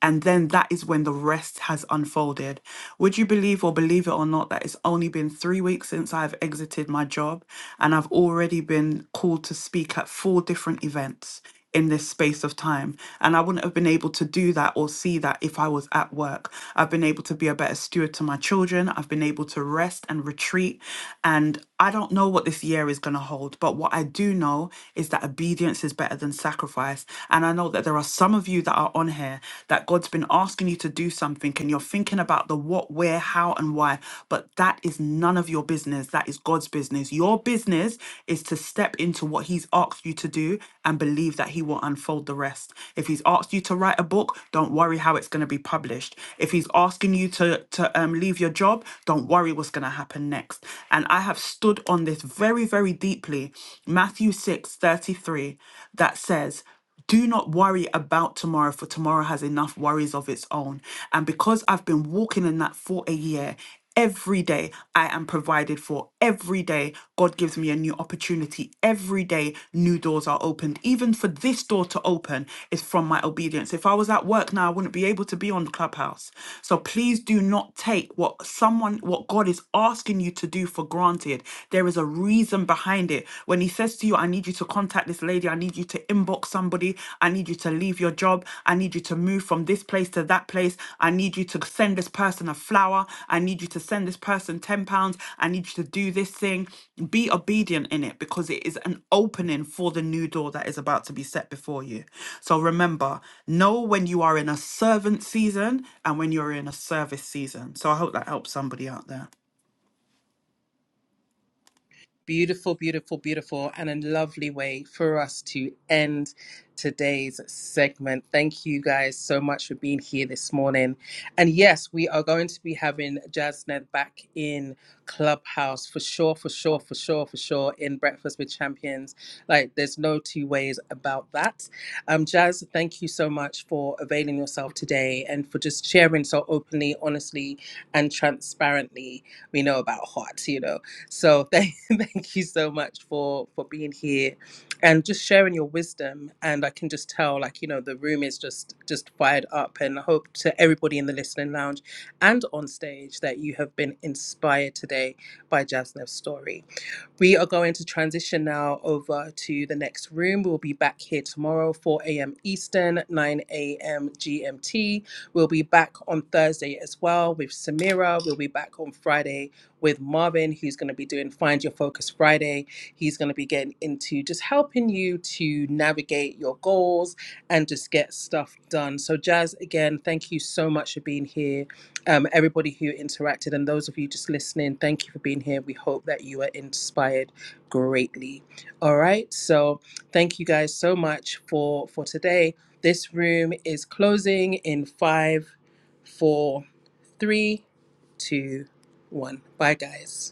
S6: and then that is when the rest has unfolded. Would you believe or believe it or not that it's only been three weeks since I've exited my job and I've already been called to speak at four different events in this space of time. And I wouldn't have been able to do that or see that if I was at work. I've been able to be a better steward to my children. I've been able to rest and retreat. And I don't know what this year is going to hold, but what I do know is that obedience is better than sacrifice. And I know that there are some of you that are on here that God's been asking you to do something and you're thinking about the what, where, how, and why, but that is none of your business. That is God's business. Your business is to step into what He's asked you to do and believe that He will unfold the rest. If He's asked you to write a book, don't worry how it's going to be published. If He's asking you to, to um, leave your job, don't worry what's going to happen next. And I have stood on this very, very deeply. Matthew 6 33 that says, do not worry about tomorrow, for tomorrow has enough worries of its own. And because I've been walking in that for a year, every day I am provided for. Every day, God gives me a new opportunity. Every day, new doors are opened. Even for this door to open is from my obedience. If I was at work now, I wouldn't be able to be on Clubhouse. So please do not take what someone, what God is asking you to do for granted. There is a reason behind find it. When he says to you, I need you to contact this lady, I need you to inbox somebody, I need you to leave your job, I need you to move from this place to that place, I need you to send this person a flower, I need you to send this person 10 pounds, I need you to do this thing. Be obedient in it because it is an opening for the new door that is about to be set before you. So remember, know when you are in a servant season and when you're in a service season. So I hope that helps somebody out there.
S1: Beautiful, beautiful, beautiful, and a lovely way for us to end today's segment. Thank you guys so much for being here this morning. And yes, we are going to be having Jasnet back in Clubhouse for sure, for sure, for sure, for sure in Breakfast with Champions. Like, there's no two ways about that. Um, Jazz, thank you so much for availing yourself today and for just sharing so openly, honestly, and transparently we know about hearts, you know. So thank, *laughs* thank you so much for for being here and just sharing your wisdom. And I can just tell, like you know, the room is just just fired up. And I hope to everybody in the listening lounge and on stage that you have been inspired today by Jasnev's story. We are going to transition now over to the next room. We'll be back here tomorrow, 4 a.m. Eastern, 9 a.m. GMT. We'll be back on Thursday as well with Samira. We'll be back on Friday with Marvin, who's going to be doing Find Your Focus Friday. He's going to be getting into just helping you to navigate your goals and just get stuff done. So, Jazz, again, thank you so much for being here um, everybody who interacted and those of you just listening, thank you for being here. We hope that you are inspired greatly. All right, so thank you guys so much for for today. This room is closing in five, four, three, two, one. Bye, guys.